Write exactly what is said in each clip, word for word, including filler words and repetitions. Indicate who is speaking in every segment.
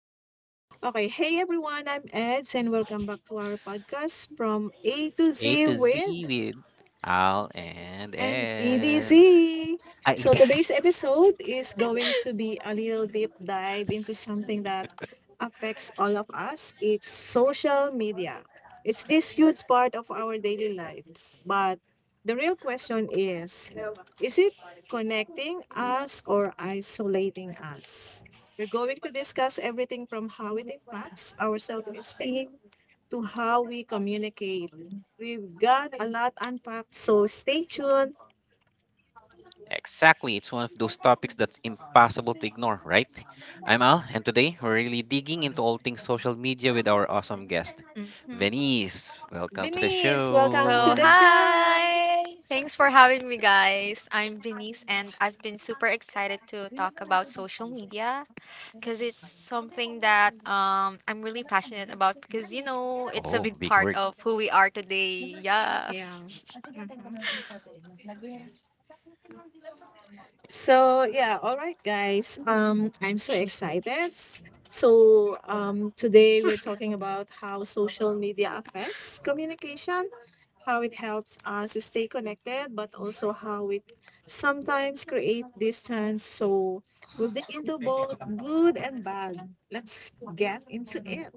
Speaker 1: Okay. Okay. Hey everyone, I'm Eds and welcome back to our podcast from A to
Speaker 2: A
Speaker 1: Z
Speaker 2: to Z
Speaker 1: with
Speaker 2: with Al and
Speaker 1: and
Speaker 2: Eds.
Speaker 1: EDZ.
Speaker 2: Ah, A
Speaker 1: So
Speaker 2: to Z.
Speaker 1: today's episode is going to be a little deep dive into something that affects all of us. It's social media. It's this huge part of our daily lives, but the real question is is it connecting us or isolating us? We're going to discuss everything from how it impacts our self esteem to how we communicate. We've got a lot unpacked, so stay tuned.
Speaker 2: Exactly. It's one of those topics that's impossible to ignore, right? I'm Al, and today we're really digging into all things social media with our awesome guest, Venice. Welcome to the
Speaker 1: Venice, welcome
Speaker 3: So,
Speaker 1: to the
Speaker 2: show.
Speaker 1: show.
Speaker 3: hi! Thanks for having me, guys. I'm Venice, and I've been super excited to talk about social media because it's something that um, I'm really passionate about because, you know, it's a
Speaker 2: Oh,
Speaker 3: big
Speaker 2: big
Speaker 3: part
Speaker 2: word.
Speaker 3: of who we are today. Yeah.
Speaker 1: Yeah. Hmm. So yeah, all right, guys. Um, I'm so excited. So um, today we're talking about how social media affects communication, how it helps us stay connected, but also how it sometimes create distance. So we'll dig into both good and bad. Let's get into it.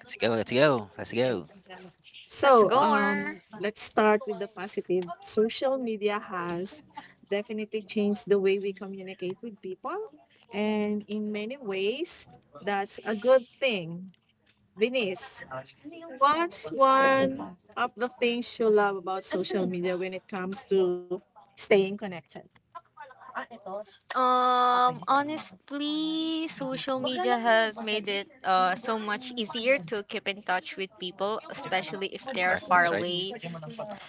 Speaker 2: Let's go, let's go, let's go.
Speaker 3: Let's
Speaker 1: So,
Speaker 3: go.
Speaker 1: um, let's start with the positive. Social media has definitely changed the way we communicate with people, and in many ways, that's a good thing. Venice, what's one of the things you love about social media when it comes to staying connected?
Speaker 3: Um, honestly, social media has made it uh, so much easier to keep in touch with people, especially if
Speaker 2: Yeah,
Speaker 3: they're
Speaker 2: correct,
Speaker 3: far
Speaker 2: that's right.
Speaker 3: away.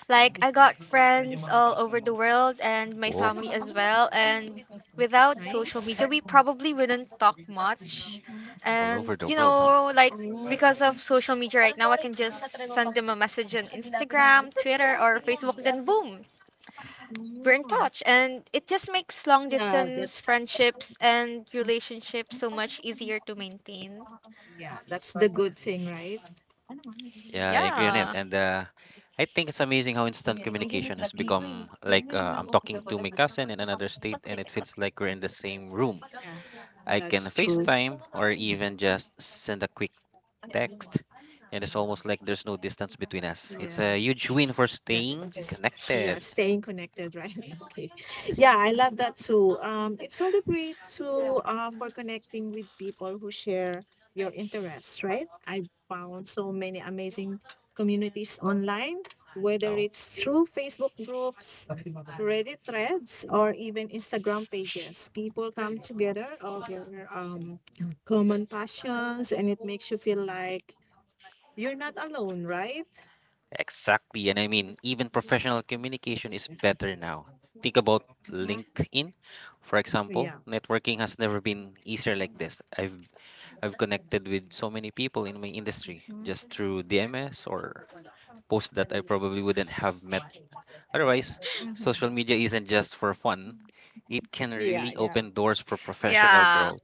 Speaker 3: Like I got friends all over the world and my
Speaker 2: Whoa,
Speaker 3: family as well. And without social
Speaker 1: Nice.
Speaker 3: media, we probably wouldn't talk
Speaker 1: Mhm.
Speaker 3: much.
Speaker 2: all
Speaker 3: And
Speaker 2: over the
Speaker 3: you
Speaker 2: world, huh?
Speaker 3: know, like
Speaker 1: Oh,
Speaker 3: because of social media right now, I can just send them a message on Instagram, Twitter, or Facebook. Then boom, we're in
Speaker 1: mm.
Speaker 3: touch, and it just makes long
Speaker 1: Yeah,
Speaker 3: distance
Speaker 1: that's
Speaker 3: friendships and relationships so much easier to maintain.
Speaker 1: yeah, that's the good thing, right?
Speaker 2: Yeah, I agree on it.
Speaker 3: Yeah.
Speaker 2: And uh, I think it's amazing how instant communication has become like uh, I'm talking to my cousin in another state and it feels like we're in the same room.
Speaker 1: Yeah.
Speaker 2: I can
Speaker 1: That's true.
Speaker 2: FaceTime or even just send a quick text, and it's almost like there's no distance between us. It's
Speaker 1: Yeah.
Speaker 2: a huge win for
Speaker 1: Yeah.
Speaker 2: staying
Speaker 1: Just, yeah,
Speaker 2: connected.
Speaker 1: staying connected, right? Okay, yeah, I love that too. Um it's also great to uh for connecting with people who share your interests, right? I found so many amazing communities online, whether
Speaker 2: No?
Speaker 1: it's through Facebook groups, Reddit threads, or even Instagram pages. People come together over um common passions, and it makes you feel like you're not alone, right?
Speaker 2: Exactly. And I mean, even professional communication is
Speaker 1: Mhm.
Speaker 2: better now. Think
Speaker 1: Yeah.
Speaker 2: about LinkedIn, for example. Networking has never been easier like this. I've I've connected with so many people in my industry
Speaker 1: Mhm.
Speaker 2: just through D M S or posts that I probably wouldn't have met otherwise. Social media isn't just for fun; it can
Speaker 1: Mhm. Yeah,
Speaker 2: really
Speaker 1: yeah.
Speaker 2: open doors for professional
Speaker 3: Yeah.
Speaker 2: growth.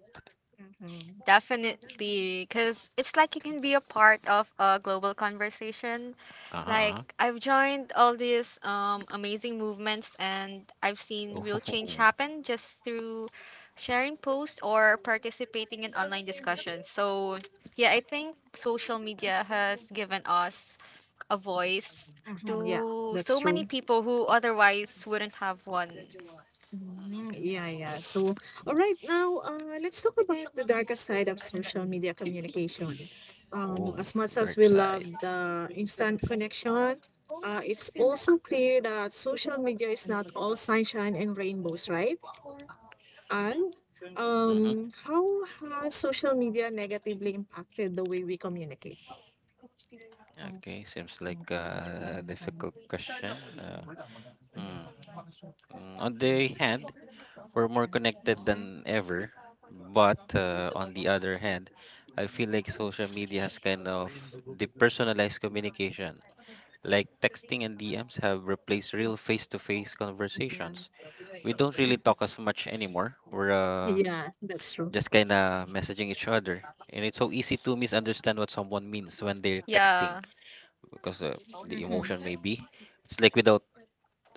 Speaker 1: Mhm.
Speaker 3: Definitely, because it's like you can be a part of a global conversation.
Speaker 2: Uh-huh,
Speaker 3: Like,
Speaker 2: uh-huh.
Speaker 3: I've joined all these um, amazing movements and I've seen
Speaker 2: Oh,
Speaker 3: real change happen just through sharing posts or participating in online discussions. So, yeah, I think social media has given us a voice
Speaker 1: Mhm. Yeah,
Speaker 3: to
Speaker 1: that's
Speaker 3: so many
Speaker 1: true.
Speaker 3: people who otherwise wouldn't have one.
Speaker 1: Mhm.
Speaker 2: mhm.
Speaker 1: Yeah, yeah. So, all right, now, uh, let's talk about the darker side of social media communication. Um,
Speaker 2: Oh,
Speaker 1: as much as
Speaker 2: dark
Speaker 1: we love
Speaker 2: side.
Speaker 1: the instant connection, uh, it's also clear that social media is not all sunshine and rainbows, right? And,
Speaker 2: Mm-hmm.
Speaker 1: um, how has social media negatively impacted the way we communicate?
Speaker 2: Okay, seems like a difficult question. Uh, hmm. Mm, On the hand, we're more connected
Speaker 1: Mhm.
Speaker 2: than ever. But uh, on the other hand, I feel like social media has kind of depersonalized communication. Like texting and D Ms have replaced real face to face
Speaker 1: Yeah. Mhm.
Speaker 2: conversations. We don't really talk as much anymore. We're uh,
Speaker 1: Yeah, that's true.
Speaker 2: just kind of messaging each other. And it's so easy to misunderstand what someone means when they're texting
Speaker 3: Yeah,
Speaker 2: because uh, the emotion may
Speaker 1: Mhm.
Speaker 2: be. It's like without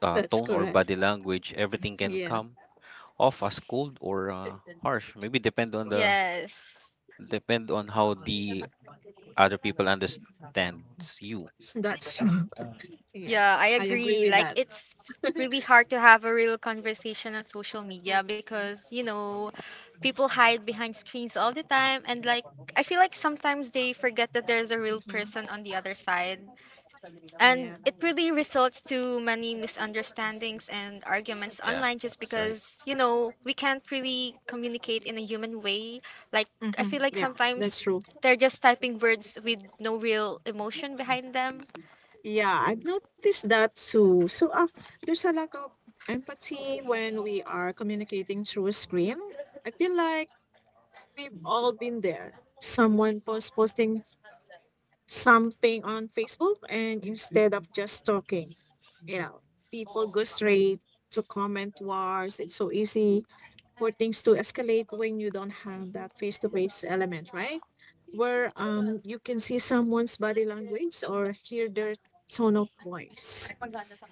Speaker 2: uh,
Speaker 1: That's
Speaker 2: tone or
Speaker 1: correct.
Speaker 2: body language, everything can
Speaker 1: Yeah,
Speaker 2: come off as cold or uh, harsh. Maybe depend on the
Speaker 3: yes.
Speaker 2: depend on how the other people understands you.
Speaker 1: that's true. Yeah,
Speaker 3: Yeah, I
Speaker 1: I agree
Speaker 3: agree.
Speaker 1: with
Speaker 3: Like
Speaker 1: that.
Speaker 3: it's really hard to have a real conversation on social media
Speaker 1: Mhm.
Speaker 3: because, you know, people hide behind screens all the time and like I feel like sometimes they forget that there's a real
Speaker 1: Mhm.
Speaker 3: person on the other side. And
Speaker 1: Yeah.
Speaker 3: it really results to many misunderstandings and arguments
Speaker 2: Yeah,
Speaker 3: online just
Speaker 2: that's right.
Speaker 3: because, you know, we can't really communicate in a human way. Like I
Speaker 1: Hmm.
Speaker 3: feel like
Speaker 1: Yeah, that's
Speaker 3: sometimes
Speaker 1: true.
Speaker 3: they're just typing words with no real emotion behind them.
Speaker 1: Yeah, I've noticed that too. So, uh, there's a lack of empathy when we are communicating through a screen. I feel like we've all been there. Someone post posting something on Facebook, and instead of just talking, you know, people go straight to comment wars. It's so easy for things to escalate when you don't have that face-to-face element, right? Where um you can see someone's body language or hear their tone of voice.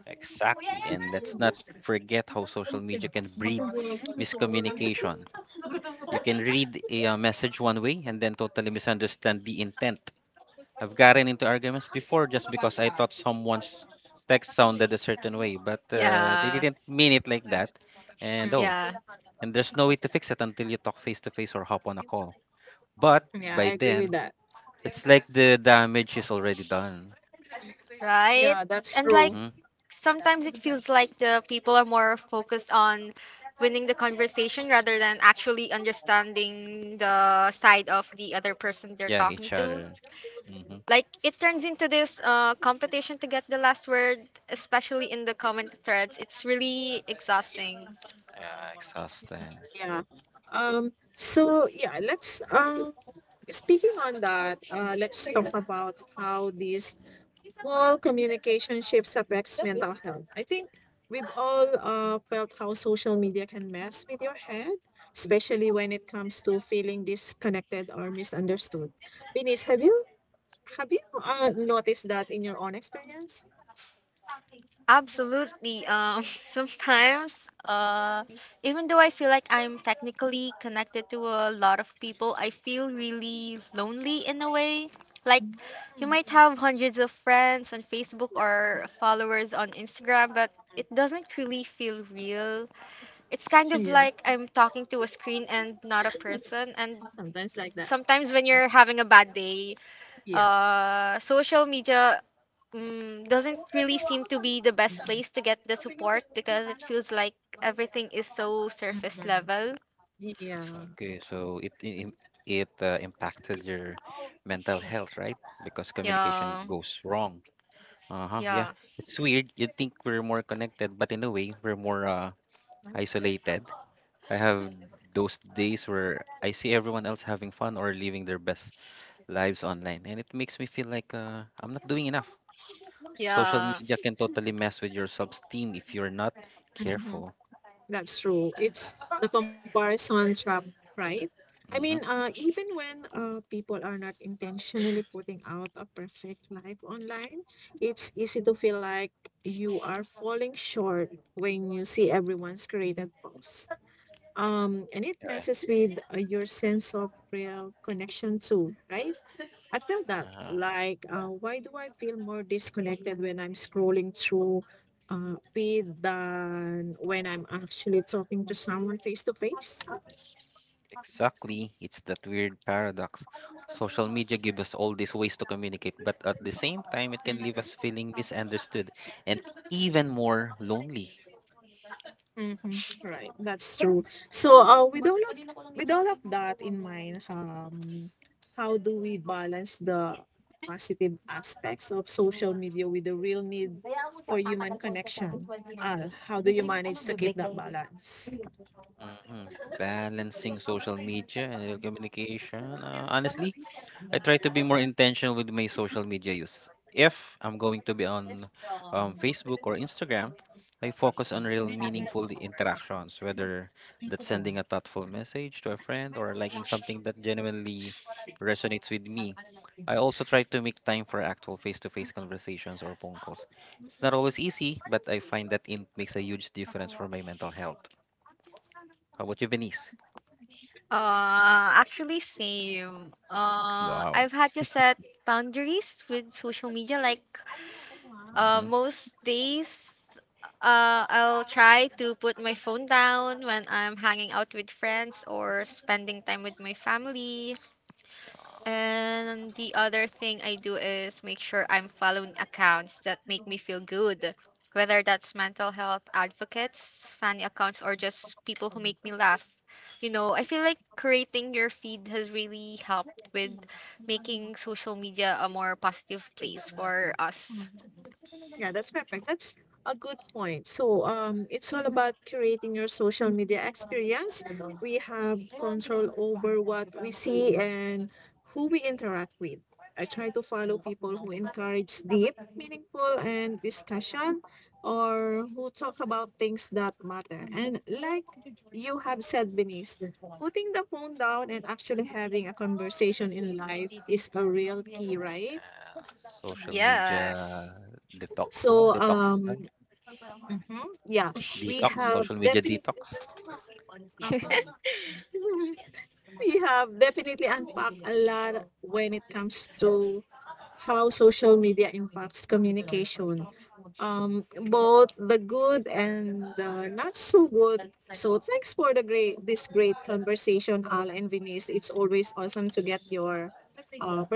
Speaker 2: Exactly. And let's not forget how social media can breed miscommunication. You can read a uh, message one way and then totally misunderstand the intent. I've gotten into arguments before just because I thought someone's text sounded a certain way, but uh, they
Speaker 3: Yeah.
Speaker 2: didn't mean it like that. And oh,
Speaker 3: Yeah.
Speaker 2: and there's no way to fix it until you talk face to face or hop on a call. But
Speaker 1: Yeah, I
Speaker 2: by
Speaker 1: agree
Speaker 2: then,
Speaker 1: with that.
Speaker 2: it's like the damage is already done.
Speaker 3: Right?
Speaker 1: Yeah, that's
Speaker 3: And like
Speaker 1: true.
Speaker 2: Mm-hmm.
Speaker 3: sometimes it feels like the people are more focused on winning the conversation rather than actually understanding the side of the other person they're
Speaker 2: Yeah,
Speaker 3: talking
Speaker 2: each
Speaker 3: to.
Speaker 2: other. Mm-hmm.
Speaker 3: Like it turns into this uh, competition to get the last word, especially in the comment threads. It's really exhausting.
Speaker 2: Yeah, exhausting.
Speaker 1: Yeah. Um, so yeah, let's, um speaking on that, uh let's talk about how these small communication shifts affects mental health. I think we've all uh felt how social media can mess with your head, especially when it comes to feeling disconnected or misunderstood. Venice, have you Have you uh, noticed that in your own experience?
Speaker 3: Absolutely. Um, sometimes, uh, even though I feel like I'm technically connected to a lot of people, I feel really lonely in a way. Like, you might
Speaker 1: Mm.
Speaker 3: have hundreds of friends on Facebook or followers on Instagram, but it doesn't really feel real. It's kind of like I'm talking to a screen and not a person. And
Speaker 1: Sometimes like that.
Speaker 3: sometimes when you're having a bad day,
Speaker 1: Yeah.
Speaker 3: uh, social media mm, doesn't really seem to be the best place to get the support because it feels like everything is so surface level.
Speaker 1: Mhm. Yeah.
Speaker 2: Okay, so it i- im- it uh, impacted your mental health, right? Because communication
Speaker 3: Yeah,
Speaker 2: goes wrong. Uh-huh. Yeah,
Speaker 3: yeah,
Speaker 2: it's weird. You think we're more connected, but in a way, we're more uh, isolated. I have those days where I see everyone else having fun or living their best lives online, and it makes me feel like uh, I'm not doing enough. Social
Speaker 3: yeah.
Speaker 2: media can totally mess with your self-esteem if you're not
Speaker 1: Mhm.
Speaker 2: careful.
Speaker 1: That's true. It's the comparison trap, right? I
Speaker 2: Mm-hmm.
Speaker 1: mean, uh, even when uh, people are not intentionally putting out a perfect life online, it's easy to feel like you are falling short when you see everyone's created posts. Um, and it
Speaker 2: Yeah.
Speaker 1: messes with uh, your sense of real connection too, right? I felt that.
Speaker 2: Uh-huh.
Speaker 1: Like, uh, why do I feel more disconnected when I'm scrolling through uh, feed than when I'm actually talking to someone face to face?
Speaker 2: Exactly. It's that weird paradox. Social media give us all these ways to communicate, but at the same time, it can leave us feeling misunderstood
Speaker 1: Mhm.
Speaker 2: and even more lonely.
Speaker 1: Mhm. Right, that's true. So, uh, with all of with all of that in mind, um, how do we balance the positive aspects of social media with the real need for human connection? Uh, how do you manage to keep that balance?
Speaker 2: Hmm. Balancing social media and real communication, uh, honestly, I try to be more intentional with my social media use. If I'm going to be on um, Facebook or Instagram, I focus on real meaningful interactions, whether that's sending a thoughtful message to a friend or liking something that genuinely resonates with me. I also try to make time for actual face to face conversations or phone calls. It's not always easy, but I find that it makes a huge difference for my mental health. How about you, Venice?
Speaker 3: Uh, actually, same. Uh,
Speaker 2: Wow.
Speaker 3: I've had to set boundaries with social media. Like, uh,
Speaker 2: Hmm.
Speaker 3: most days, uh, I'll try to put my phone down when I'm hanging out with friends or spending time with my family. And the other thing I do is make sure I'm following accounts that make me feel good, whether that's mental health advocates, funny accounts, or just people who make me laugh. You know, I feel like creating your feed has really helped with making social media a more positive place for us.
Speaker 1: Mm-hmm. Yeah, that's perfect. That's a good point. So, um, it's all about curating your social media experience. We have control over what we see and who we interact with. I try to follow people who encourage deep, meaningful, and discussion or who talk about things that matter. And like you have said, Benice, putting the phone down and actually having a conversation in life is a real key, right?
Speaker 2: Yeah, social media
Speaker 3: Yes.
Speaker 2: detox, huh?
Speaker 1: So, um,
Speaker 2: Detoxify,
Speaker 1: Mhm. Yeah, we
Speaker 2: detox,
Speaker 1: have
Speaker 2: social media
Speaker 1: definitely
Speaker 2: detox.
Speaker 1: um, we have definitely unpacked a lot when it comes to how social media impacts communication. Um, both the good and the not so good. So thanks for the great this great conversation, Al and Venice. It's always awesome to get your uh,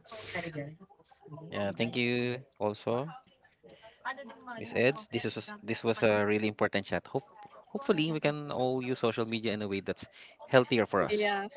Speaker 1: perspectives.
Speaker 2: Yeah, thank you also, Miss Eds. This is this was a really important chat. Hope hopefully we can all use social media in a way that's healthier for us.
Speaker 1: Yeah.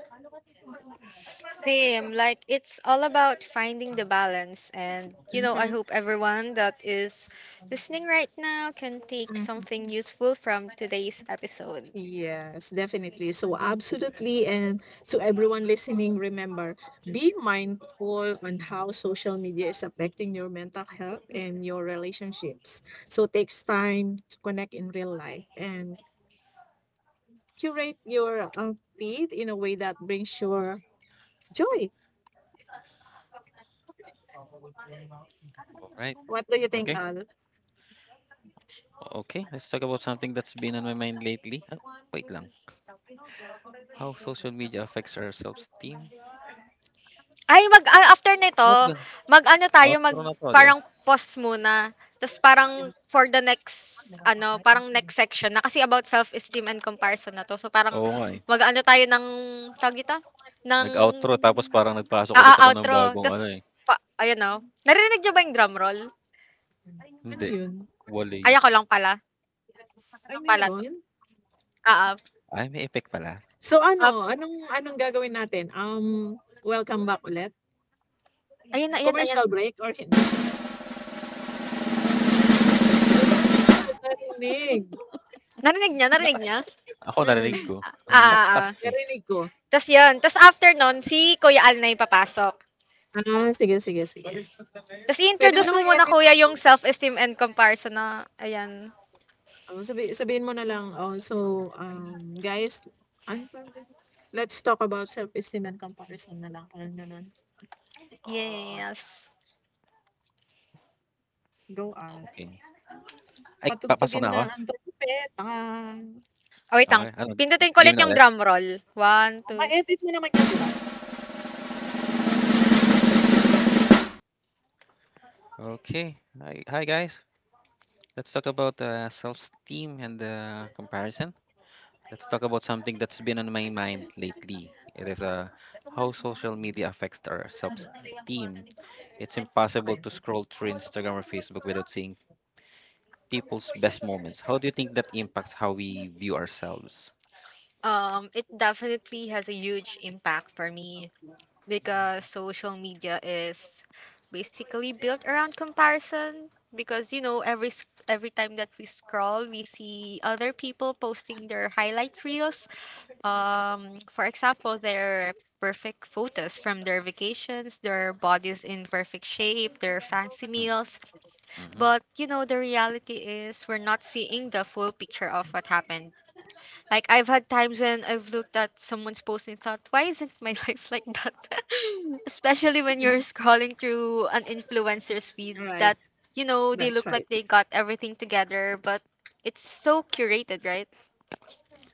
Speaker 3: Same, like it's all about finding the balance. And, you know, I
Speaker 1: Mm-hmm.
Speaker 3: hope everyone that is listening right now can take something useful from today's episode.
Speaker 1: Yes, definitely. So, absolutely. And to everyone listening, remember be mindful on how social media is affecting your mental health and your relationships. So, takes time to connect in real life and curate your uh, feed in a way that brings your joy.
Speaker 2: All right.
Speaker 1: What do you think,
Speaker 2: Okay.
Speaker 1: Al?
Speaker 2: Okay. Let's talk about something that's been on my mind lately. Ah, wait lang. How social media affects our self-esteem?
Speaker 3: Ay, mag, ah, after nito,
Speaker 2: What gan?
Speaker 3: mag ano tayo, mag
Speaker 2: Outro na to, di ba?
Speaker 3: parang pause muna. Tapos parang for the next, ano, parang next section na. Kasi about self-esteem and comparison na to. So parang
Speaker 2: Oo nga eh.
Speaker 3: mag ano tayo ng, tawag dito? Ng,
Speaker 2: Nag-outro tapos parang nagpasok
Speaker 3: ah, ah,
Speaker 2: ulit ako ng
Speaker 3: outro.
Speaker 2: bagong ano
Speaker 3: Tapos,
Speaker 2: eh.
Speaker 3: pa, ayun na. Naririnig nyo ba yung drum roll?
Speaker 1: Ano
Speaker 2: Hindi.
Speaker 1: yun?
Speaker 2: Wala.
Speaker 3: Ay ako lang pala
Speaker 1: Ay,
Speaker 3: lang pala 'to,
Speaker 1: meron?
Speaker 3: oo.
Speaker 2: Ay, may effect pala.
Speaker 1: So, ano?
Speaker 3: Op
Speaker 1: Anong, anong gagawin natin? Um, welcome back ulit?
Speaker 3: ayan, ayan, ayan.
Speaker 1: Commercial break or hindi? Ayun, narinig.
Speaker 3: Narinig niyo, narinig niyo?
Speaker 2: Ako narinig
Speaker 1: Mm,
Speaker 2: ko, ang
Speaker 3: Oo,
Speaker 2: lakas
Speaker 3: oo.
Speaker 2: eh.
Speaker 1: narinig ko.
Speaker 3: Ta's yun, ta's after nun si Kuya Al na yung papasok.
Speaker 1: Ah, sige, sige, sige.
Speaker 3: Ta's
Speaker 1: Mo
Speaker 3: i-introduce
Speaker 2: Ay,
Speaker 3: mo
Speaker 1: namang
Speaker 3: muna
Speaker 1: edit
Speaker 3: kuya
Speaker 1: yan 'no?
Speaker 3: yung self-esteem and comparison na ayan,
Speaker 1: Oo, sabi sabihin mo na lang, oh, "So, um, guys" anong tawag dun? "Let's talk about self-esteem and comparison" na lang, ano na gano'n.
Speaker 3: yes.
Speaker 1: Go at
Speaker 2: okey. Ay, papasok
Speaker 1: patugtugin
Speaker 2: na
Speaker 1: na
Speaker 2: ako?
Speaker 1: ang trumpet, ah,
Speaker 3: Oh, wait lang,
Speaker 2: Okay, ano
Speaker 3: pindutin ko
Speaker 2: game
Speaker 3: ulit
Speaker 2: na
Speaker 3: yung drum
Speaker 2: ulit?
Speaker 3: roll. One two.
Speaker 1: oh, ma-edit mo naman yan, 'di ba?
Speaker 2: Okay. Hi hi guys. Let's talk about, uh, self-esteem and, uh, comparison. Let's talk about something that's been on my mind lately. It is, uh, how social media affects our self-esteem. It's impossible to scroll through Instagram or Facebook without seeing people's best moments. How do you think that impacts how we view ourselves?
Speaker 3: Um, it definitely has a huge impact for me because social media is basically built around comparison because you know every s- every time that we scroll we see other people posting their highlight reels, um for example their perfect photos from their vacations, their bodies in perfect shape, their fancy
Speaker 2: Hmm,
Speaker 3: meals.
Speaker 2: mhm,
Speaker 3: But you know the reality is we're not seeing the full picture of what happened. Like I've had times when I've looked at someone's post and thought, why isn't my life like that? Especially when you're scrolling through an influencer's feed
Speaker 1: Right,
Speaker 3: that, you know, they
Speaker 1: that's
Speaker 3: look
Speaker 1: right.
Speaker 3: like they got everything together, but it's so curated, right?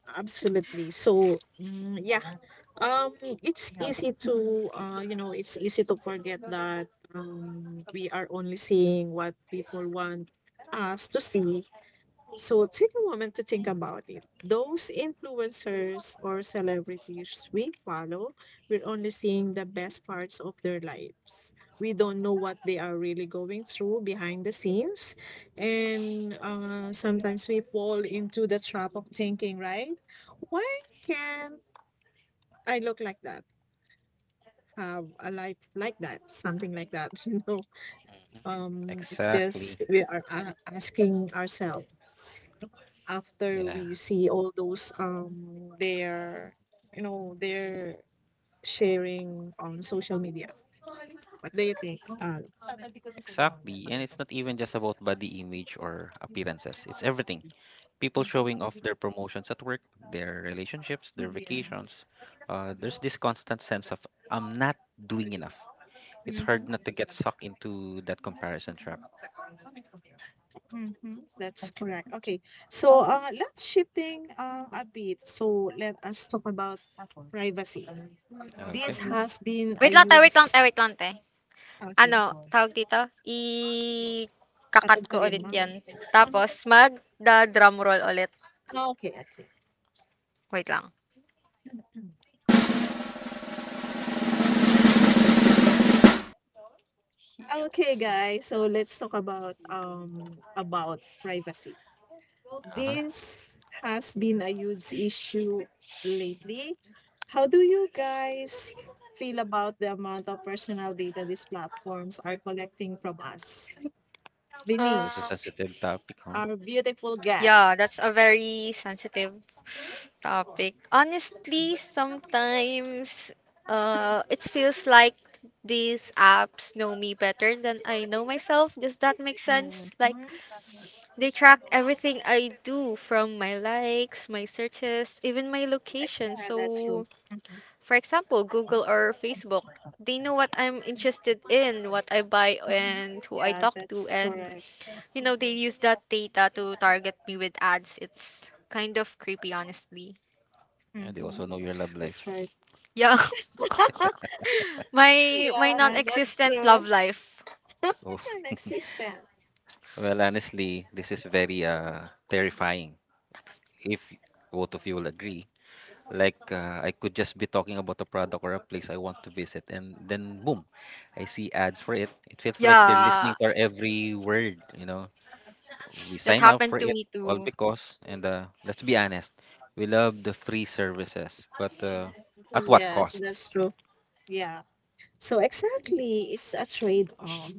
Speaker 1: Absolutely. So, hmm, yeah. Um, it's easy to uh, you know, it's easy to forget that, um, we are only seeing what people want us to see. So take a moment to think about it. Those influencers or celebrities we follow, we're only seeing the best parts of their lives. We don't know what they are really going through behind the scenes. And, uh, sometimes we fall into the trap of thinking, right? Why can't I look like that, have a life like that, something like that, you know.
Speaker 2: mhm.
Speaker 1: Um, it's
Speaker 2: Exactly.
Speaker 1: just we are uh, asking ourselves after
Speaker 2: Yeah,
Speaker 1: we see all those um their you know their sharing on social media. What do you think? Uh,
Speaker 2: exactly. And it's not even just about body image or appearances, it's everything. People showing off their promotions at work, their relationships, their
Speaker 1: Yes.
Speaker 2: vacations. Uh, there's this constant sense of, I'm not doing enough. It's hard not
Speaker 1: Mm-hmm.
Speaker 2: to get sucked into that comparison trap.
Speaker 1: Mm-hmm. That's correct. Okay. So so uh, let's shifting uh, a bit. So let us talk about privacy. This
Speaker 2: Okay.
Speaker 1: has been a
Speaker 3: Wait lang tayo, wait lang
Speaker 1: huge
Speaker 3: tayo, wait lang tayo.
Speaker 1: okay.
Speaker 3: Ano, tawag dito? I-kakat ko
Speaker 1: Tatugtugin
Speaker 3: ulit
Speaker 1: mo?
Speaker 3: yan. Tapos, mag-drum roll ulit.
Speaker 1: Ah, okay, okay.
Speaker 3: Wait lang.
Speaker 1: Ah, okay, guys. So let's talk about um about privacy.
Speaker 2: Uh huh.
Speaker 1: This has been a huge issue lately. How do you guys feel about the amount of personal data these platforms are collecting from us?
Speaker 2: This
Speaker 1: Venice,
Speaker 2: is a
Speaker 3: Um,
Speaker 2: sensitive topic, huh?
Speaker 1: our beautiful
Speaker 3: Yeah,
Speaker 1: guest.
Speaker 3: that's a very sensitive topic. Honestly, sometimes uh it feels like these apps know me better than I know myself. Does that make
Speaker 1: Mhm.
Speaker 3: sense? Like they track everything I do from my likes, my searches, even my location.
Speaker 1: Yeah, that's true.
Speaker 3: So,
Speaker 1: Mhm.
Speaker 3: for example, Google or Facebook, they know what I'm interested in, what I buy and who I
Speaker 1: Yeah,
Speaker 3: talk to
Speaker 1: that's
Speaker 3: and
Speaker 1: correct.
Speaker 3: you know, they use that data to target me with ads. It's kind of creepy, honestly.
Speaker 2: Yeah,
Speaker 1: Mhm.
Speaker 2: they also know your love
Speaker 1: That's
Speaker 2: life.
Speaker 1: right.
Speaker 3: Yeah, my my
Speaker 1: Yeah, that's
Speaker 3: non-existent love
Speaker 1: true.
Speaker 3: life.
Speaker 2: Oh,
Speaker 1: Non-existent.
Speaker 2: well, honestly, this is very uh terrifying. If both of you will agree. Like, uh, I could just be talking about a product or a place I want to visit, and then boom, I see ads for it. It feels like they're
Speaker 3: Yeah,
Speaker 2: listening to our every word, you know. We
Speaker 3: that
Speaker 2: sign up
Speaker 3: happened
Speaker 2: for
Speaker 3: to
Speaker 2: it
Speaker 3: me
Speaker 2: all
Speaker 3: too.
Speaker 2: because, and uh, let's be honest, we love the free services, but uh, at what
Speaker 1: Yes,
Speaker 2: cost?
Speaker 1: that's true. Yeah. So exactly, it's a trade-off.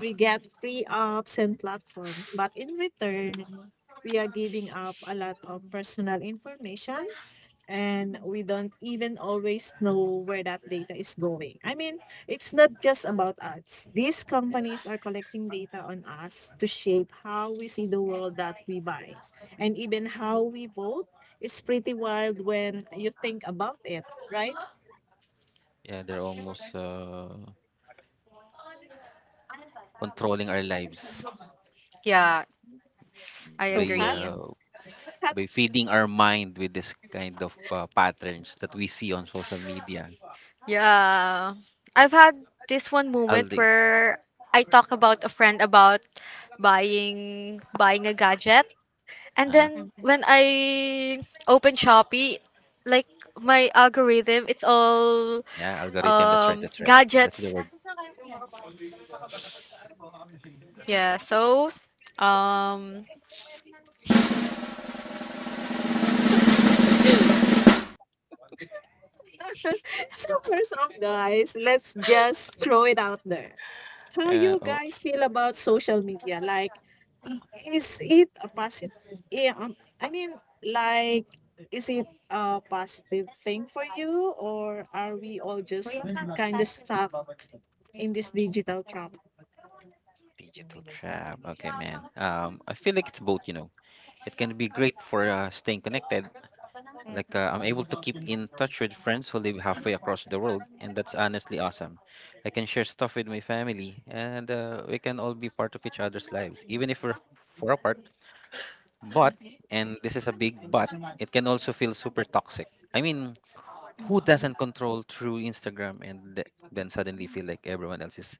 Speaker 1: We get free apps and platforms, but in return, we are giving up a lot of personal information, and we don't even always know where that data is going. I mean, it's not just about us. These companies are collecting data on us to shape how we see the world that we buy. And even how we vote is pretty wild when you think about it, right?
Speaker 2: Yeah, they're almost uh, controlling our lives
Speaker 3: Yeah,
Speaker 2: by
Speaker 3: I
Speaker 1: So, Pat,
Speaker 2: uh,
Speaker 3: agree.
Speaker 2: by
Speaker 1: Pat,
Speaker 2: feeding our mind with this kind of uh, patterns that we see on social media.
Speaker 3: Yeah, I've had this one
Speaker 2: All
Speaker 3: moment
Speaker 2: day.
Speaker 3: where I talk about a friend about buying buying a gadget, and
Speaker 2: Uh-huh.
Speaker 3: then when I open Shopee, like my algorithm, it's all
Speaker 2: Yeah, algorithm. That's right,
Speaker 3: um
Speaker 2: that's right. That's the
Speaker 3: gadgets.
Speaker 2: word.
Speaker 3: Yeah, so um
Speaker 1: so first off, guys, let's just throw it out there. How
Speaker 2: Uh,
Speaker 1: you
Speaker 2: oh,
Speaker 1: guys feel about social media? Like, is it a positive? Yeah, um, I mean, like, is it a positive thing for you, or are we all just kind of stuck in this digital trap?
Speaker 2: digital trap. Okay, man. Um, I feel like it's both. You know, it can be great for uh, staying connected. Like uh, I'm able to keep in touch with friends who live halfway across the world, and that's honestly awesome. I can share stuff with my family, and uh, we can all be part of each other's lives, even if we're far apart. But, and this is a big but, it can also feel super toxic. I mean, who doesn't control through Instagram and th- then suddenly feel like everyone else is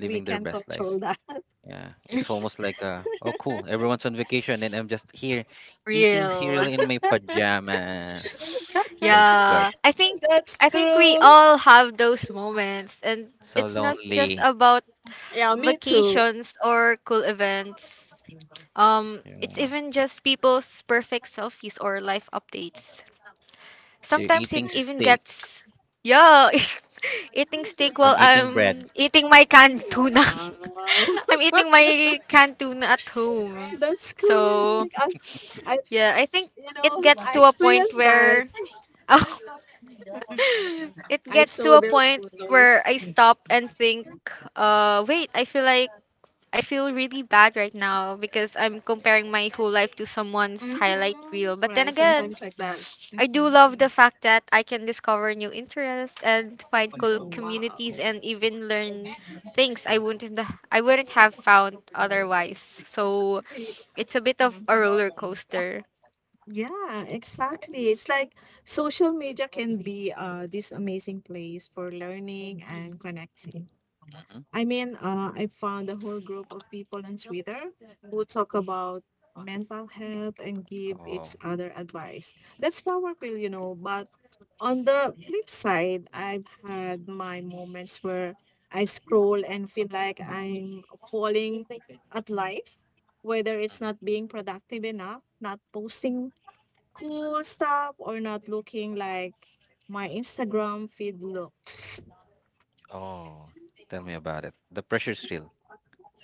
Speaker 1: We
Speaker 2: their
Speaker 1: can
Speaker 2: best life?
Speaker 1: control that.
Speaker 2: Yeah, it's almost like, uh, oh, cool, everyone's on vacation and I'm just here eating
Speaker 3: real.
Speaker 2: cereal in my pajamas. My God,
Speaker 3: Yeah. I think
Speaker 1: That's
Speaker 3: I think
Speaker 1: true.
Speaker 3: we all have those moments and
Speaker 2: so
Speaker 3: it's not just
Speaker 2: lonely.
Speaker 3: about
Speaker 1: Yeah, me too.
Speaker 3: vacations or cool events. Um it's
Speaker 2: Yeah.
Speaker 3: even just people's perfect selfies or life updates.
Speaker 2: They're
Speaker 3: Sometimes it
Speaker 2: eating
Speaker 3: even
Speaker 2: steak.
Speaker 3: gets yeah, eating steak while
Speaker 2: I'm eating
Speaker 3: I'm
Speaker 2: bread.
Speaker 3: eating my canned tuna.
Speaker 1: Wow,
Speaker 3: I'm eating my canned tuna at home.
Speaker 1: that's
Speaker 3: So
Speaker 1: correct. I, I,
Speaker 3: yeah, I think
Speaker 1: you
Speaker 3: it
Speaker 1: know,
Speaker 3: gets
Speaker 1: I
Speaker 3: to a point
Speaker 1: experienced that.
Speaker 3: where oh, it
Speaker 1: I
Speaker 3: gets
Speaker 1: saw
Speaker 3: to a
Speaker 1: their
Speaker 3: point where
Speaker 1: photos.
Speaker 3: I stop and think, uh, wait, I feel like I feel really bad right now because I'm comparing my whole life to someone's
Speaker 1: Mhm.
Speaker 3: highlight reel. But then
Speaker 1: Right,
Speaker 3: again,
Speaker 1: sometimes like that.
Speaker 3: I do
Speaker 1: Mhm.
Speaker 3: love the fact that I can discover new interests and find
Speaker 1: Oh,
Speaker 3: cool
Speaker 1: wow.
Speaker 3: communities and even learn things I wouldn't I wouldn't have found otherwise. So
Speaker 1: Eh,
Speaker 3: it's a bit of
Speaker 1: mhm.
Speaker 3: a roller coaster.
Speaker 1: Yeah, exactly. It's like social media can be, uh, this amazing place for learning and connecting.
Speaker 2: Hmm.
Speaker 1: I mean, uh, I found a whole group of people on Twitter who talk about mental health and give
Speaker 2: Oh,
Speaker 1: each other advice. That's powerful, you know. But on the flip side, I've had my moments where I scroll and feel like I'm falling at life, whether it's
Speaker 2: mhm.
Speaker 1: not being productive enough, not posting cool stuff, or not looking like my Instagram feed looks.
Speaker 2: Oh, tell me about it. The pressure's real.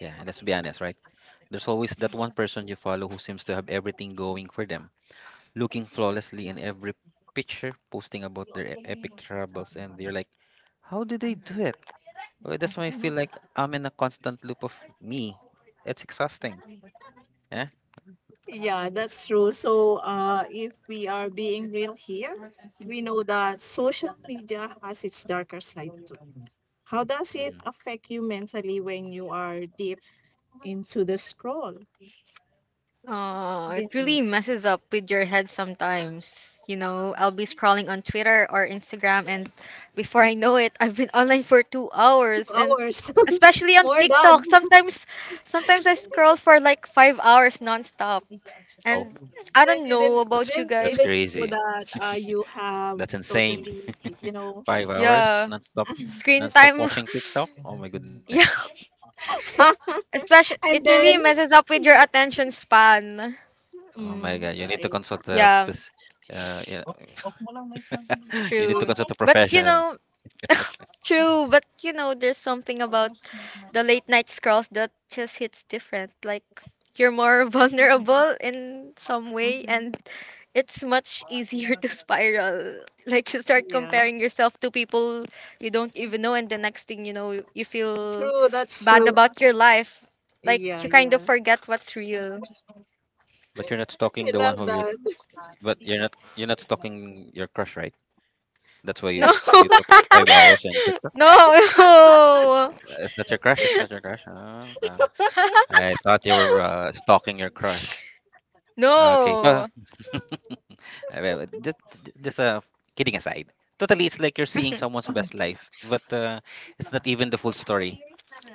Speaker 2: Yeah, and let's be honest, right? There's always that one person you follow who seems to have everything going for them, looking flawlessly in every picture, posting about their e- epic travels, and you're like, how do they do it? Well, that's why I feel like I'm in a constant loop of me. It's exhausting. Yeah,
Speaker 1: Yeah,
Speaker 2: it's.
Speaker 1: that's true. So, uh, if we are being real here, we know that social media has its darker side too. How does it
Speaker 2: Hmm.
Speaker 1: affect you mentally when you are deep into the scroll?
Speaker 3: Uh, it really
Speaker 1: Vinny's
Speaker 3: messes up with your head sometimes. You know, I'll be scrolling on Twitter or Instagram, and before I know it, I've been online for two
Speaker 1: two
Speaker 3: hours, and
Speaker 1: hours,
Speaker 3: especially on
Speaker 1: more
Speaker 3: TikTok.
Speaker 1: done.
Speaker 3: Sometimes, sometimes I scroll for like five hours nonstop,
Speaker 2: Oh,
Speaker 3: and I
Speaker 1: Then
Speaker 3: don't
Speaker 1: you
Speaker 3: know
Speaker 1: didn't you
Speaker 2: that's
Speaker 3: about you
Speaker 1: didn't
Speaker 2: that's
Speaker 3: guys.
Speaker 1: even know
Speaker 2: crazy.
Speaker 1: that, uh, you have
Speaker 2: That's insane.
Speaker 1: totally, you know.
Speaker 2: Five hours
Speaker 3: Yeah,
Speaker 2: nonstop,
Speaker 3: screen
Speaker 2: nonstop
Speaker 3: time.
Speaker 2: watching TikTok. Oh my goodness.
Speaker 3: yeah, especially it
Speaker 1: And
Speaker 3: really
Speaker 1: then,
Speaker 3: messes up with
Speaker 1: you
Speaker 3: your
Speaker 1: d-
Speaker 3: attention span.
Speaker 2: Oh my
Speaker 1: mm,
Speaker 2: God, you need to
Speaker 1: right.
Speaker 2: consult a
Speaker 3: Yeah,
Speaker 2: phys- uh, yeah, you need to
Speaker 3: true.
Speaker 2: consult a
Speaker 3: But you
Speaker 2: professional.
Speaker 3: know, true, but you know, there's something about the late night scrolls that just hits different. Like you're more vulnerable in some way
Speaker 1: Mhm.
Speaker 3: and it's much easier to spiral. Like you start
Speaker 1: Yeah.
Speaker 3: comparing yourself to people you don't even know and the next thing you know you feel
Speaker 1: True, that's
Speaker 3: bad
Speaker 1: true.
Speaker 3: about your life. Like
Speaker 1: Yeah,
Speaker 3: you kind of
Speaker 1: yeah.
Speaker 3: forget what's real.
Speaker 2: But you're not
Speaker 1: I
Speaker 2: stalking the one
Speaker 1: love
Speaker 2: who you
Speaker 1: that.
Speaker 2: but you're not you're not stalking your crush, right? That's why
Speaker 3: No.
Speaker 2: you you took five hours on TikTok.
Speaker 3: No.
Speaker 2: Uh, It's not your crush, it's not your crush. Oh, uh, I thought you were uh, stalking your crush. Okay. Pa.
Speaker 3: No.
Speaker 2: Uh, well, just, just uh, kidding aside. Totally, it's like you're seeing someone's best life, but uh, it's not even the full story.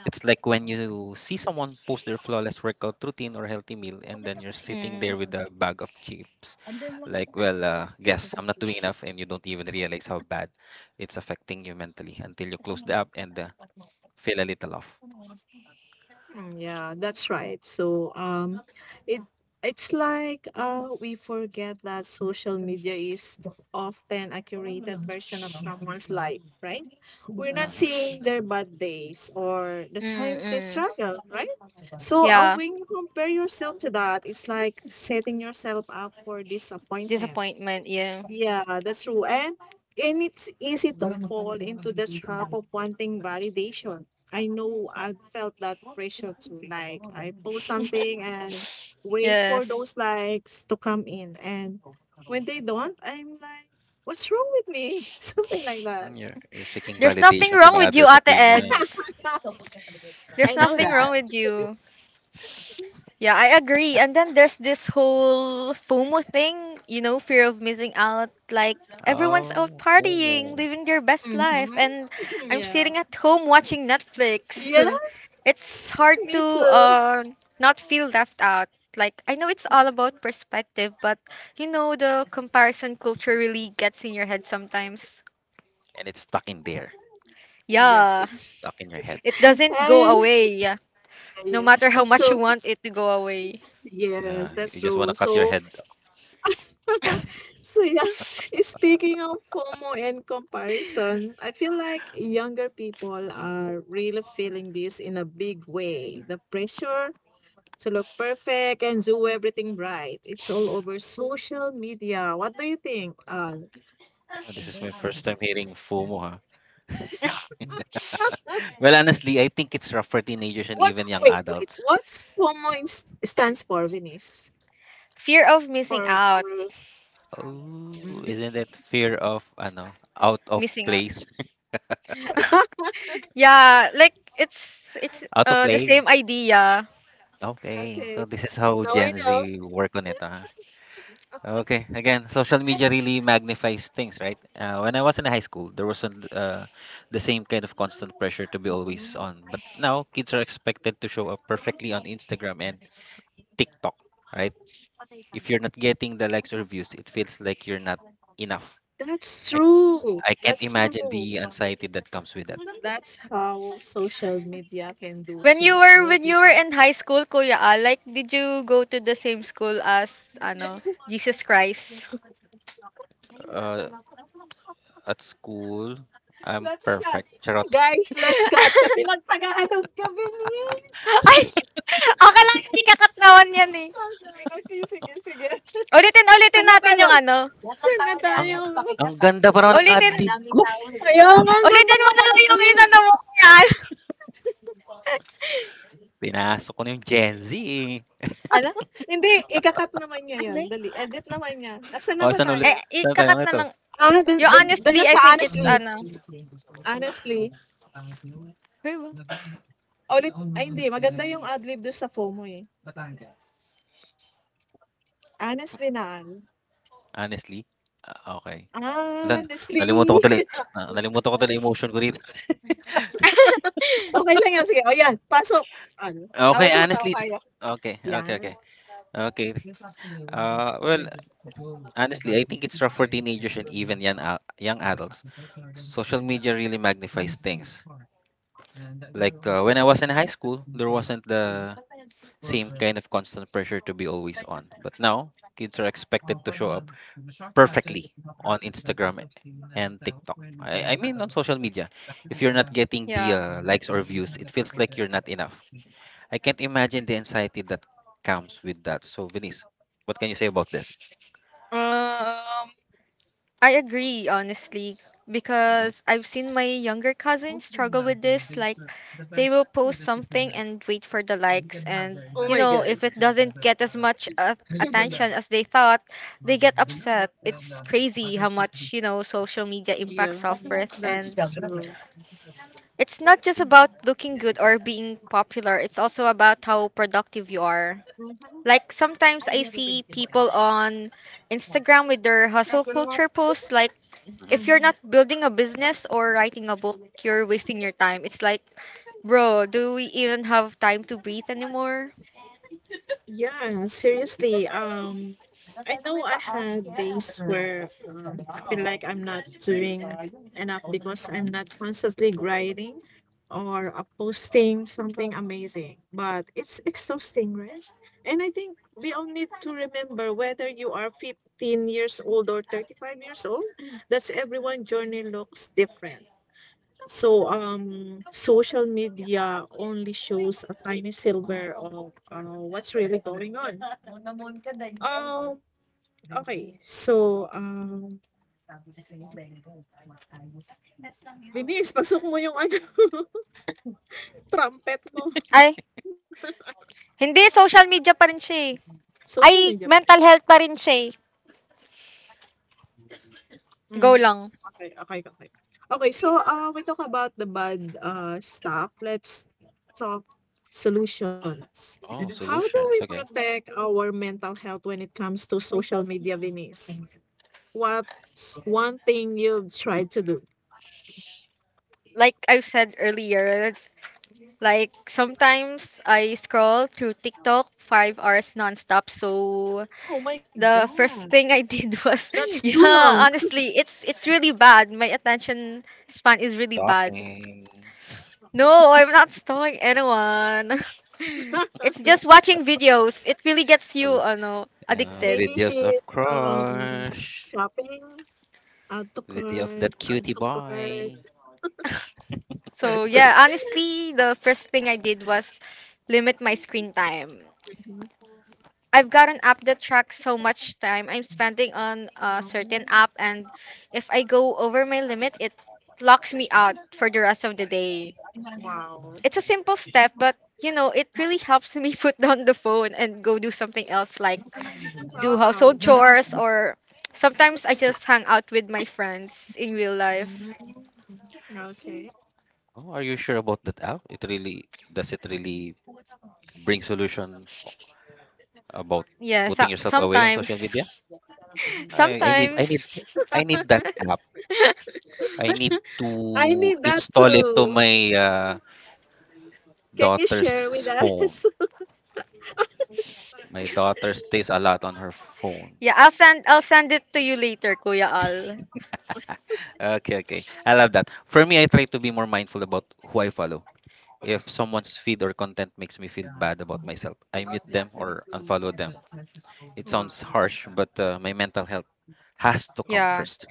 Speaker 2: It's like when you see someone post their flawless workout routine or healthy meal, and then you're sitting there
Speaker 3: Mm,
Speaker 2: with a bag of chips. Like, well, uh, guess I'm not doing enough, and you don't even realize how bad it's affecting you mentally until you close the app and uh, feel a little off.
Speaker 1: Mm, yeah, that's right. So, um, it it's like uh we forget that social media is often a curated version of someone's life, right? We're not
Speaker 2: Mm-hmm.
Speaker 1: seeing their bad days or the
Speaker 3: mm,
Speaker 1: times they
Speaker 3: mm.
Speaker 1: struggle, right? So, uh,
Speaker 3: Yeah,
Speaker 1: when you compare yourself to that, it's like setting yourself up for disappointment.
Speaker 3: disappointment. Yeah.
Speaker 1: Yeah, that's true. And and it's easy to fall into the trap of wanting validation. I know I've felt that pressure too. Like I post something and wait for
Speaker 3: Yes.
Speaker 1: those likes to come in. And when they don't, I'm like, what's wrong with me? Something like that.
Speaker 2: Mm, You're, you're seeking
Speaker 3: There's nothing
Speaker 2: validation from
Speaker 3: wrong with you,
Speaker 2: others'
Speaker 3: Ate
Speaker 2: opinion.
Speaker 3: Eds.
Speaker 1: I
Speaker 3: There's
Speaker 1: know
Speaker 3: nothing wrong
Speaker 1: that.
Speaker 3: with you. Yeah, I agree. And then there's this whole FOMO thing, you know, fear of missing out. Like, everyone's out
Speaker 2: Oh,
Speaker 3: partying,
Speaker 2: FOMO.
Speaker 3: living their best life, and
Speaker 1: Mm-hmm.
Speaker 3: I'm
Speaker 1: Yeah.
Speaker 3: sitting at home watching Netflix. It's
Speaker 1: Yes,
Speaker 3: hard
Speaker 1: me
Speaker 3: to
Speaker 1: too.
Speaker 3: uh, not feel left out. Like, I know it's all about perspective, but you know, the comparison culture really gets in your head sometimes.
Speaker 2: And it's stuck in there,
Speaker 1: Yeah,
Speaker 3: Yeah,
Speaker 1: it's
Speaker 2: stuck in your head.
Speaker 3: it doesn't go
Speaker 1: and
Speaker 3: away.
Speaker 1: yeah.
Speaker 3: No matter how
Speaker 1: Yeah.
Speaker 3: much you
Speaker 1: So
Speaker 3: want it to go away.
Speaker 1: yes,
Speaker 2: Yeah,
Speaker 1: that's
Speaker 2: you just want
Speaker 1: true.
Speaker 2: to cut your
Speaker 1: So
Speaker 2: head.
Speaker 1: So yeah, speaking of FOMO and comparison, I feel like younger people are really feeling this in a big way. The pressure to look perfect and do everything right. It's all over social media. What do you think? Uh,
Speaker 2: Oh, this is my first time hearing FOMO, huh?
Speaker 1: not,
Speaker 2: Well, honestly, I think it's rough for teenagers and
Speaker 1: what?
Speaker 2: even young
Speaker 1: Wait, wait.
Speaker 2: adults.
Speaker 1: What's FOMO is, stands for, Venice?
Speaker 3: Fear of missing
Speaker 1: For
Speaker 3: out.
Speaker 1: our.
Speaker 2: Oh,
Speaker 1: Mhm.
Speaker 2: isn't it fear of ano, out of
Speaker 3: Missing out.
Speaker 2: place?
Speaker 1: Yeah.
Speaker 3: Yeah, like it's it's
Speaker 2: Out of
Speaker 3: uh the
Speaker 2: place.
Speaker 3: same idea.
Speaker 2: Okay, so
Speaker 1: Okay.
Speaker 2: this is how
Speaker 1: Now I
Speaker 2: Gen
Speaker 1: know.
Speaker 2: Z work on it, huh? Okay, again, social media really magnifies things, right? Uh, when I was in high school, there wasn't uh, the same kind of constant pressure to be always on. But now, kids are expected to show up perfectly on Instagram and TikTok, right? If you're not getting the likes or views, it feels like you're not enough.
Speaker 1: That's
Speaker 2: I
Speaker 1: true.
Speaker 2: I can't
Speaker 1: That's
Speaker 2: imagine
Speaker 1: true.
Speaker 2: the anxiety that comes with that.
Speaker 1: That's how social media can do
Speaker 3: When you
Speaker 1: to
Speaker 3: were
Speaker 1: other
Speaker 3: when you were
Speaker 1: people.
Speaker 3: in high school, Kuya Al, like did you go to the same school as ano, Jesus Christ?
Speaker 2: Uh, at school, I'm
Speaker 1: Let's cut.
Speaker 2: perfect. Charot.
Speaker 1: Guys, let's cut kasi nagtagahalog kami. Yes.
Speaker 3: Ay! Okay lang, hindi
Speaker 1: Okay,
Speaker 3: kakatnawan yan eh.
Speaker 1: sige, sige.
Speaker 3: Ulitin, ulitin
Speaker 1: Saan na
Speaker 3: natin
Speaker 1: tayo?
Speaker 3: yung ano.
Speaker 1: Saan na
Speaker 2: Ang
Speaker 1: tayo?
Speaker 2: ang
Speaker 1: At
Speaker 2: ganda pa naman ng ad
Speaker 3: Ulitin,
Speaker 2: ko.
Speaker 1: kaya ang ganda
Speaker 3: ulitin mo
Speaker 1: ng
Speaker 3: na lang yung
Speaker 1: idea.
Speaker 3: inano mo yan.
Speaker 2: Pinasok ko na yung Gen Z, eh.
Speaker 3: Ano?
Speaker 1: Hindi, ikakat naman niya
Speaker 3: Ano?
Speaker 1: yun. Dali, edit naman niya. Asan na
Speaker 2: O,
Speaker 1: ba
Speaker 2: saan ulit?
Speaker 3: Eh,
Speaker 1: tayo?
Speaker 2: Saan tayo
Speaker 3: ikakat na
Speaker 2: nito?
Speaker 3: lang
Speaker 1: Ah, dun,
Speaker 3: yeah,
Speaker 1: dun, dun
Speaker 3: honestly,
Speaker 1: na
Speaker 3: I
Speaker 1: sa
Speaker 3: think it's
Speaker 1: honestly.
Speaker 3: ano,
Speaker 1: Honestly.
Speaker 3: very well.
Speaker 1: Ah, Ulit, ay hindi, maganda yung adlib doon sa FOMO eh. Honestly na ano?
Speaker 2: Honestly? Ah, okey. Lan nalimutan ko
Speaker 1: Honestly,
Speaker 2: tuloy na nalimutan ko tuloy emotion ko dito.
Speaker 1: okey lang yan sige, oh yan pasok ano,
Speaker 2: Okay,
Speaker 1: habang tumatawa
Speaker 2: honestly, it's
Speaker 1: tayo,
Speaker 2: okay, okay, okay.
Speaker 1: yan.
Speaker 2: Okey. Ah, well, honestly, I think it's rough for teenagers and even young a young adults. Social media really magnifies things. Like uh, when I was in high school, there wasn't the same kind of constant pressure to be always on. But now, kids are expected to show up perfectly on Instagram and TikTok. I, I mean, on social media. If you're not getting the
Speaker 3: Yeah.
Speaker 2: uh, likes or views, it feels like you're not enough. I can't imagine the anxiety that comes with that. So, Venice, what can you say about this?
Speaker 3: Um, I agree honestly
Speaker 2: Mm-hmm.
Speaker 3: because I've seen my younger cousins struggle with this. Like, they will post something and wait for the likes, and you know, if it doesn't get as much uh, attention as they thought, they get upset. It's crazy how much you know social media impacts
Speaker 1: Yeah,
Speaker 3: self worth,
Speaker 1: that's
Speaker 3: and
Speaker 1: true.
Speaker 3: it's not just about looking good or being popular. It's also about how productive you are. Like sometimes I see people on Instagram with their hustle culture posts. Like
Speaker 2: Mm-hmm.
Speaker 3: if you're
Speaker 1: Mhm.
Speaker 3: not building a business or writing a book, you're wasting your time. It's like, bro, do we even have time to breathe anymore?
Speaker 1: Yeah, seriously. Um, I know I had days where um, I feel like I'm not doing enough because I'm not constantly grinding or uh, posting something amazing, but it's exhausting, right? And I think we all need to remember whether you are fifteen years old or thirty-five years old, that's everyone journey looks different. So, um, social media only shows a tiny silver of uh, what's really going on. Um, okay, so, um, Binis, pasok mo yung ano, trumpet mo.
Speaker 3: Ay, hindi, social media pa rin siya eh. Ay,
Speaker 1: Social media.
Speaker 3: mental
Speaker 1: Please.
Speaker 3: health pa rin siya eh. Go
Speaker 1: Hmm.
Speaker 3: lang.
Speaker 1: Okay. Okay. Okay. Okey, so, uh, we talk about the bad, uh, stuff, let's talk solutions.
Speaker 2: Oh,
Speaker 1: How do we
Speaker 2: solutions. Okay.
Speaker 1: protect our mental health when it comes to social media, Venice? What's one thing you've tried to do?
Speaker 3: Like I've said earlier, like sometimes I scroll through TikTok five hours nonstop. So
Speaker 1: Oh my
Speaker 3: the
Speaker 1: god.
Speaker 3: first thing I did was
Speaker 1: That's too long.
Speaker 3: yeah, honestly, it's it's really bad. My attention span is really bad.
Speaker 2: Stalking,
Speaker 3: No, I'm not stalking anyone. It's just watching videos. It really gets you,
Speaker 2: uh,
Speaker 3: uh, no,
Speaker 2: uh,
Speaker 3: addicted.
Speaker 1: Maybe
Speaker 2: videos
Speaker 1: she's,
Speaker 2: of
Speaker 1: um,
Speaker 2: crush.
Speaker 1: shopping, add to
Speaker 2: Video of
Speaker 1: cart,
Speaker 2: that
Speaker 1: add
Speaker 2: cutie
Speaker 1: to cart.
Speaker 2: boy.
Speaker 3: So yeah, honestly, the first thing I did was limit my screen time.
Speaker 1: Mhm.
Speaker 3: I've got an app that tracks how much time I'm spending on a certain app, and if I go over my limit, it locks me out for the rest of the day.
Speaker 1: Wow.
Speaker 3: It's a simple step, but you know, it really helps me put down the phone and go do something else, like do
Speaker 1: Wow,
Speaker 3: household
Speaker 1: that's
Speaker 3: chores, or sometimes I just hang out with my friends in real life.
Speaker 1: okay.
Speaker 2: Oh, are you sure about that app? It really does, it really bring solution about
Speaker 3: Yeah, so-
Speaker 2: putting yourself away on social media?
Speaker 3: sometimes,
Speaker 2: I, I need I need
Speaker 3: sometimes.
Speaker 2: I need that app. I need
Speaker 1: I
Speaker 2: to
Speaker 1: need that
Speaker 2: install it to
Speaker 1: too.
Speaker 2: my uh,
Speaker 1: Can you
Speaker 2: daughter's
Speaker 1: share with
Speaker 2: phone.
Speaker 1: us?
Speaker 2: My daughter stays a lot on her phone.
Speaker 3: yeah, I'll send I'll send it to you later, Kuya Al.
Speaker 2: Okay, okay. I love that. For me, I try to be more mindful about who I follow. If someone's feed or content makes me feel bad about myself, I mute them or unfollow them. It sounds harsh, but
Speaker 1: Wow.
Speaker 2: uh, my mental health has to come
Speaker 3: Yeah.
Speaker 2: first.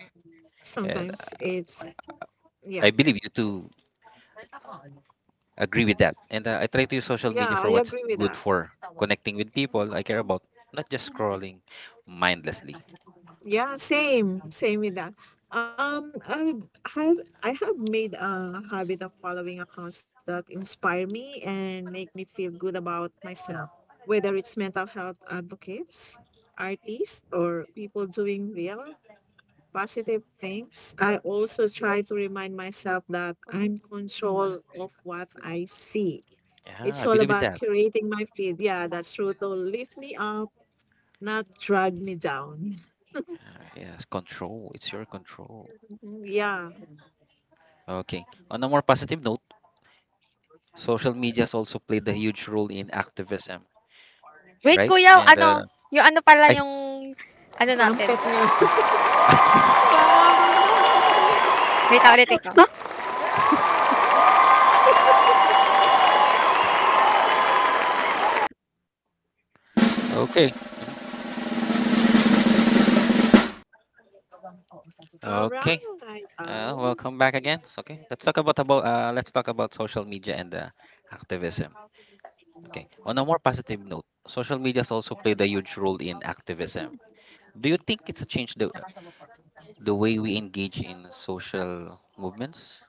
Speaker 2: And
Speaker 1: Sometimes it's, yeah,
Speaker 2: I believe you too agree with that. And uh, I try to use social media
Speaker 1: yeah, I
Speaker 2: for what's
Speaker 1: agree with
Speaker 2: good
Speaker 1: that.
Speaker 2: for connecting with people I care about, not just scrolling mindlessly.
Speaker 1: Yeah, same, same with that. Um, I have I have made a habit of following accounts that inspire me and make me feel good about myself, whether it's mental health advocates, artists, or people doing real positive things. I also try to remind myself that I'm control of what I see.
Speaker 2: Yeah,
Speaker 1: It's
Speaker 2: I
Speaker 1: all
Speaker 2: believe in
Speaker 1: about
Speaker 2: that.
Speaker 1: curating my feed. Yeah, that's true. To lift me up, not drag me down.
Speaker 2: Ah, yes, control. It's your control.
Speaker 1: Mmm, iya.
Speaker 2: Okay. On a more positive note, social media has also played a huge role in activism,
Speaker 3: Wait,
Speaker 2: right?
Speaker 3: Kuya,
Speaker 2: And uh,
Speaker 3: ano? Yung ano pala
Speaker 2: I,
Speaker 3: yung ano natin?
Speaker 1: Trumpetnya. Wah.
Speaker 3: Wait, ah, ulitin ko.
Speaker 2: okay, mhm. Okay.
Speaker 1: Alright,
Speaker 2: Uh,
Speaker 1: alright.
Speaker 2: welcome back again. So, okay, let's talk about about uh, let's talk about social media and uh, activism. Okay, on a more positive note, social media has also played a huge role in activism. Do you think it's a change the the way we engage in social movements?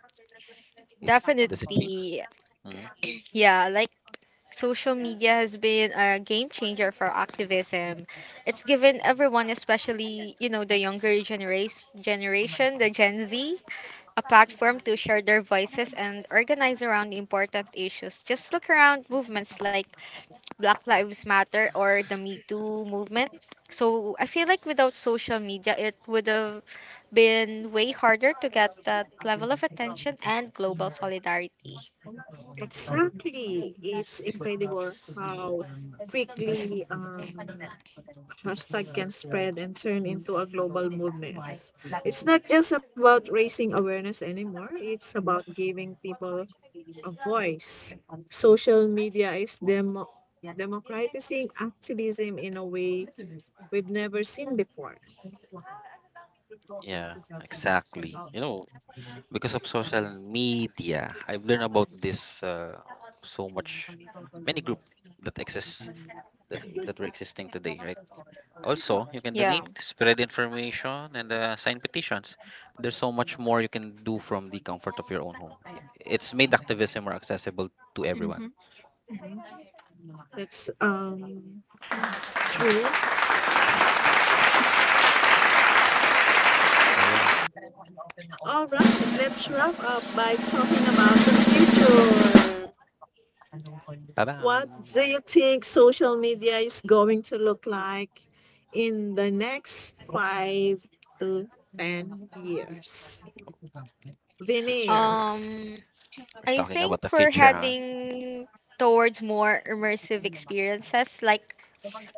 Speaker 2: It's does it change?
Speaker 3: Definitely.
Speaker 2: Hmm.
Speaker 3: Yeah, like social media has been a game changer for activism. It's given everyone, especially, you know, the younger generation, generation, the Gen Z, a platform to share their voices and organize around important issues. Just look around movements like Black Lives Matter or the Me Too movement. So I feel like without social media, it would have been way harder to get that level of attention and global solidarity.
Speaker 1: Exactly. It's incredible how quickly um, hashtag can spread and turn into a global movement. It's not just about raising awareness anymore. It's about giving people a voice. Social media is demo- democratizing activism in a way we've never seen before.
Speaker 2: Yeah, exactly. You know, because of social media, I've learned about this uh, so much, many group that exists, that that were existing today, right? Also, you can
Speaker 3: Yeah.
Speaker 2: donate, spread information, and uh, sign petitions. There's so much more you can do from the comfort of your own home. It's made activism more accessible to everyone.
Speaker 1: Mhm. That's um, true.
Speaker 2: Oh,
Speaker 1: All right, let's wrap up by talking about the future. What do
Speaker 2: ba-bam.
Speaker 1: you think social media is going to look like in the next five to ten years?
Speaker 2: Future.
Speaker 1: Venus.
Speaker 3: Um
Speaker 2: We're
Speaker 3: I
Speaker 2: talking about the
Speaker 3: think we're
Speaker 2: future, huh?
Speaker 3: heading towards more immersive experiences. Like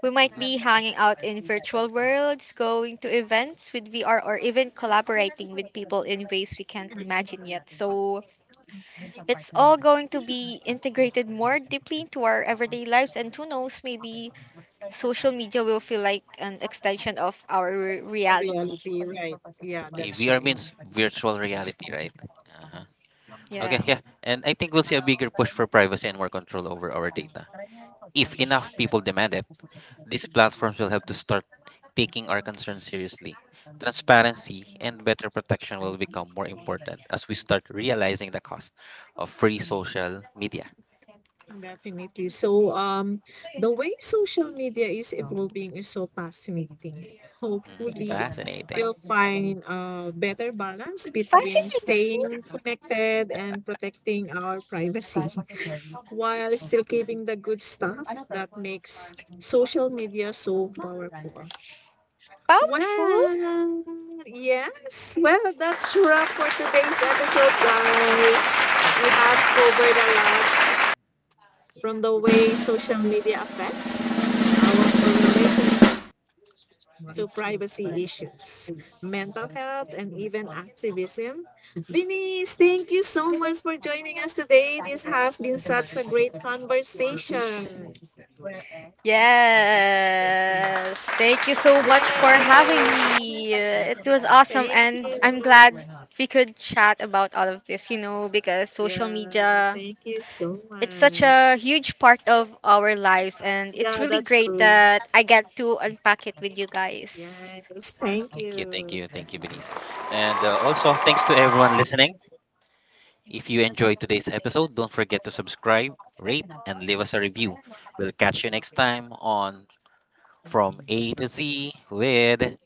Speaker 3: we might
Speaker 2: Mhm.
Speaker 3: be hanging out in virtual worlds, going to events with V R, or even collaborating with people in ways we can't imagine yet. So it's all going to be integrated more deeply into our everyday lives. And who knows, maybe social media will feel like an extension of our re- reality.
Speaker 1: Reality, right. Yeah,
Speaker 2: Okay,
Speaker 1: that's
Speaker 2: V R
Speaker 1: right.
Speaker 2: means virtual reality, right? Uh-huh. Okay,
Speaker 3: Yeah.
Speaker 2: yeah. And I think we'll see a bigger push for privacy and more control over our data. If enough people demand it, these platforms will have to start taking our concerns seriously. Transparency and better protection will become more important as we start realizing the cost of free social media.
Speaker 1: Definitely. So, um, the way social media is evolving is so fascinating.
Speaker 2: Hmm.
Speaker 1: Hopefully,
Speaker 2: Fascinating.
Speaker 1: we'll find a better balance between
Speaker 3: Fascinating,
Speaker 1: staying connected and protecting our privacy while still keeping the good stuff that makes social media so powerful.
Speaker 3: powerful.
Speaker 1: Well, yes. Well, that's wrap for today's episode, guys. We have
Speaker 2: Mm-hmm.
Speaker 1: covered a lot from the way social media affects our relationship to privacy issues, mental health, and even activism. Denise, thank you so much for joining us today. This has been such a great conversation.
Speaker 3: Yes. Thank you so much for having
Speaker 1: Yay!
Speaker 3: me. Uh, It was awesome
Speaker 1: Thank
Speaker 3: and I'm
Speaker 1: you.
Speaker 3: glad we could chat about all of this, you know, because social
Speaker 1: Yeah,
Speaker 3: media
Speaker 1: thank you so
Speaker 3: it's such a
Speaker 1: much.
Speaker 3: huge part of our lives and it's
Speaker 1: Yeah,
Speaker 3: really
Speaker 1: that's
Speaker 3: great
Speaker 1: true.
Speaker 3: that I get to unpack it with you guys.
Speaker 1: Yes, thank
Speaker 2: Thank you, thank
Speaker 1: you.
Speaker 2: you, thank you, Benice. And uh, also, thanks to everyone listening. If you enjoyed today's episode, don't forget to subscribe, rate, and leave us a review. We'll catch you next time on From A to Z with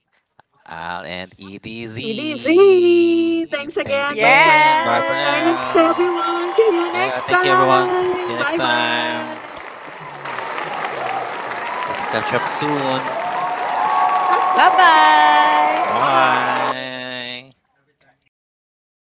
Speaker 2: Al and it is
Speaker 1: E D Z,
Speaker 2: easy.
Speaker 1: thanks
Speaker 2: Thanks
Speaker 1: again. Bye for
Speaker 2: again. Bye
Speaker 1: now.
Speaker 2: for
Speaker 3: Yes.
Speaker 1: Thanks,
Speaker 2: now.
Speaker 1: everyone. See you
Speaker 2: Yeah,
Speaker 1: next
Speaker 2: thank you everyone. See you
Speaker 1: time.
Speaker 2: next time.
Speaker 1: Bye-bye.
Speaker 2: Let's catch up soon.
Speaker 3: Bye-bye.
Speaker 1: Bye.
Speaker 2: Bye.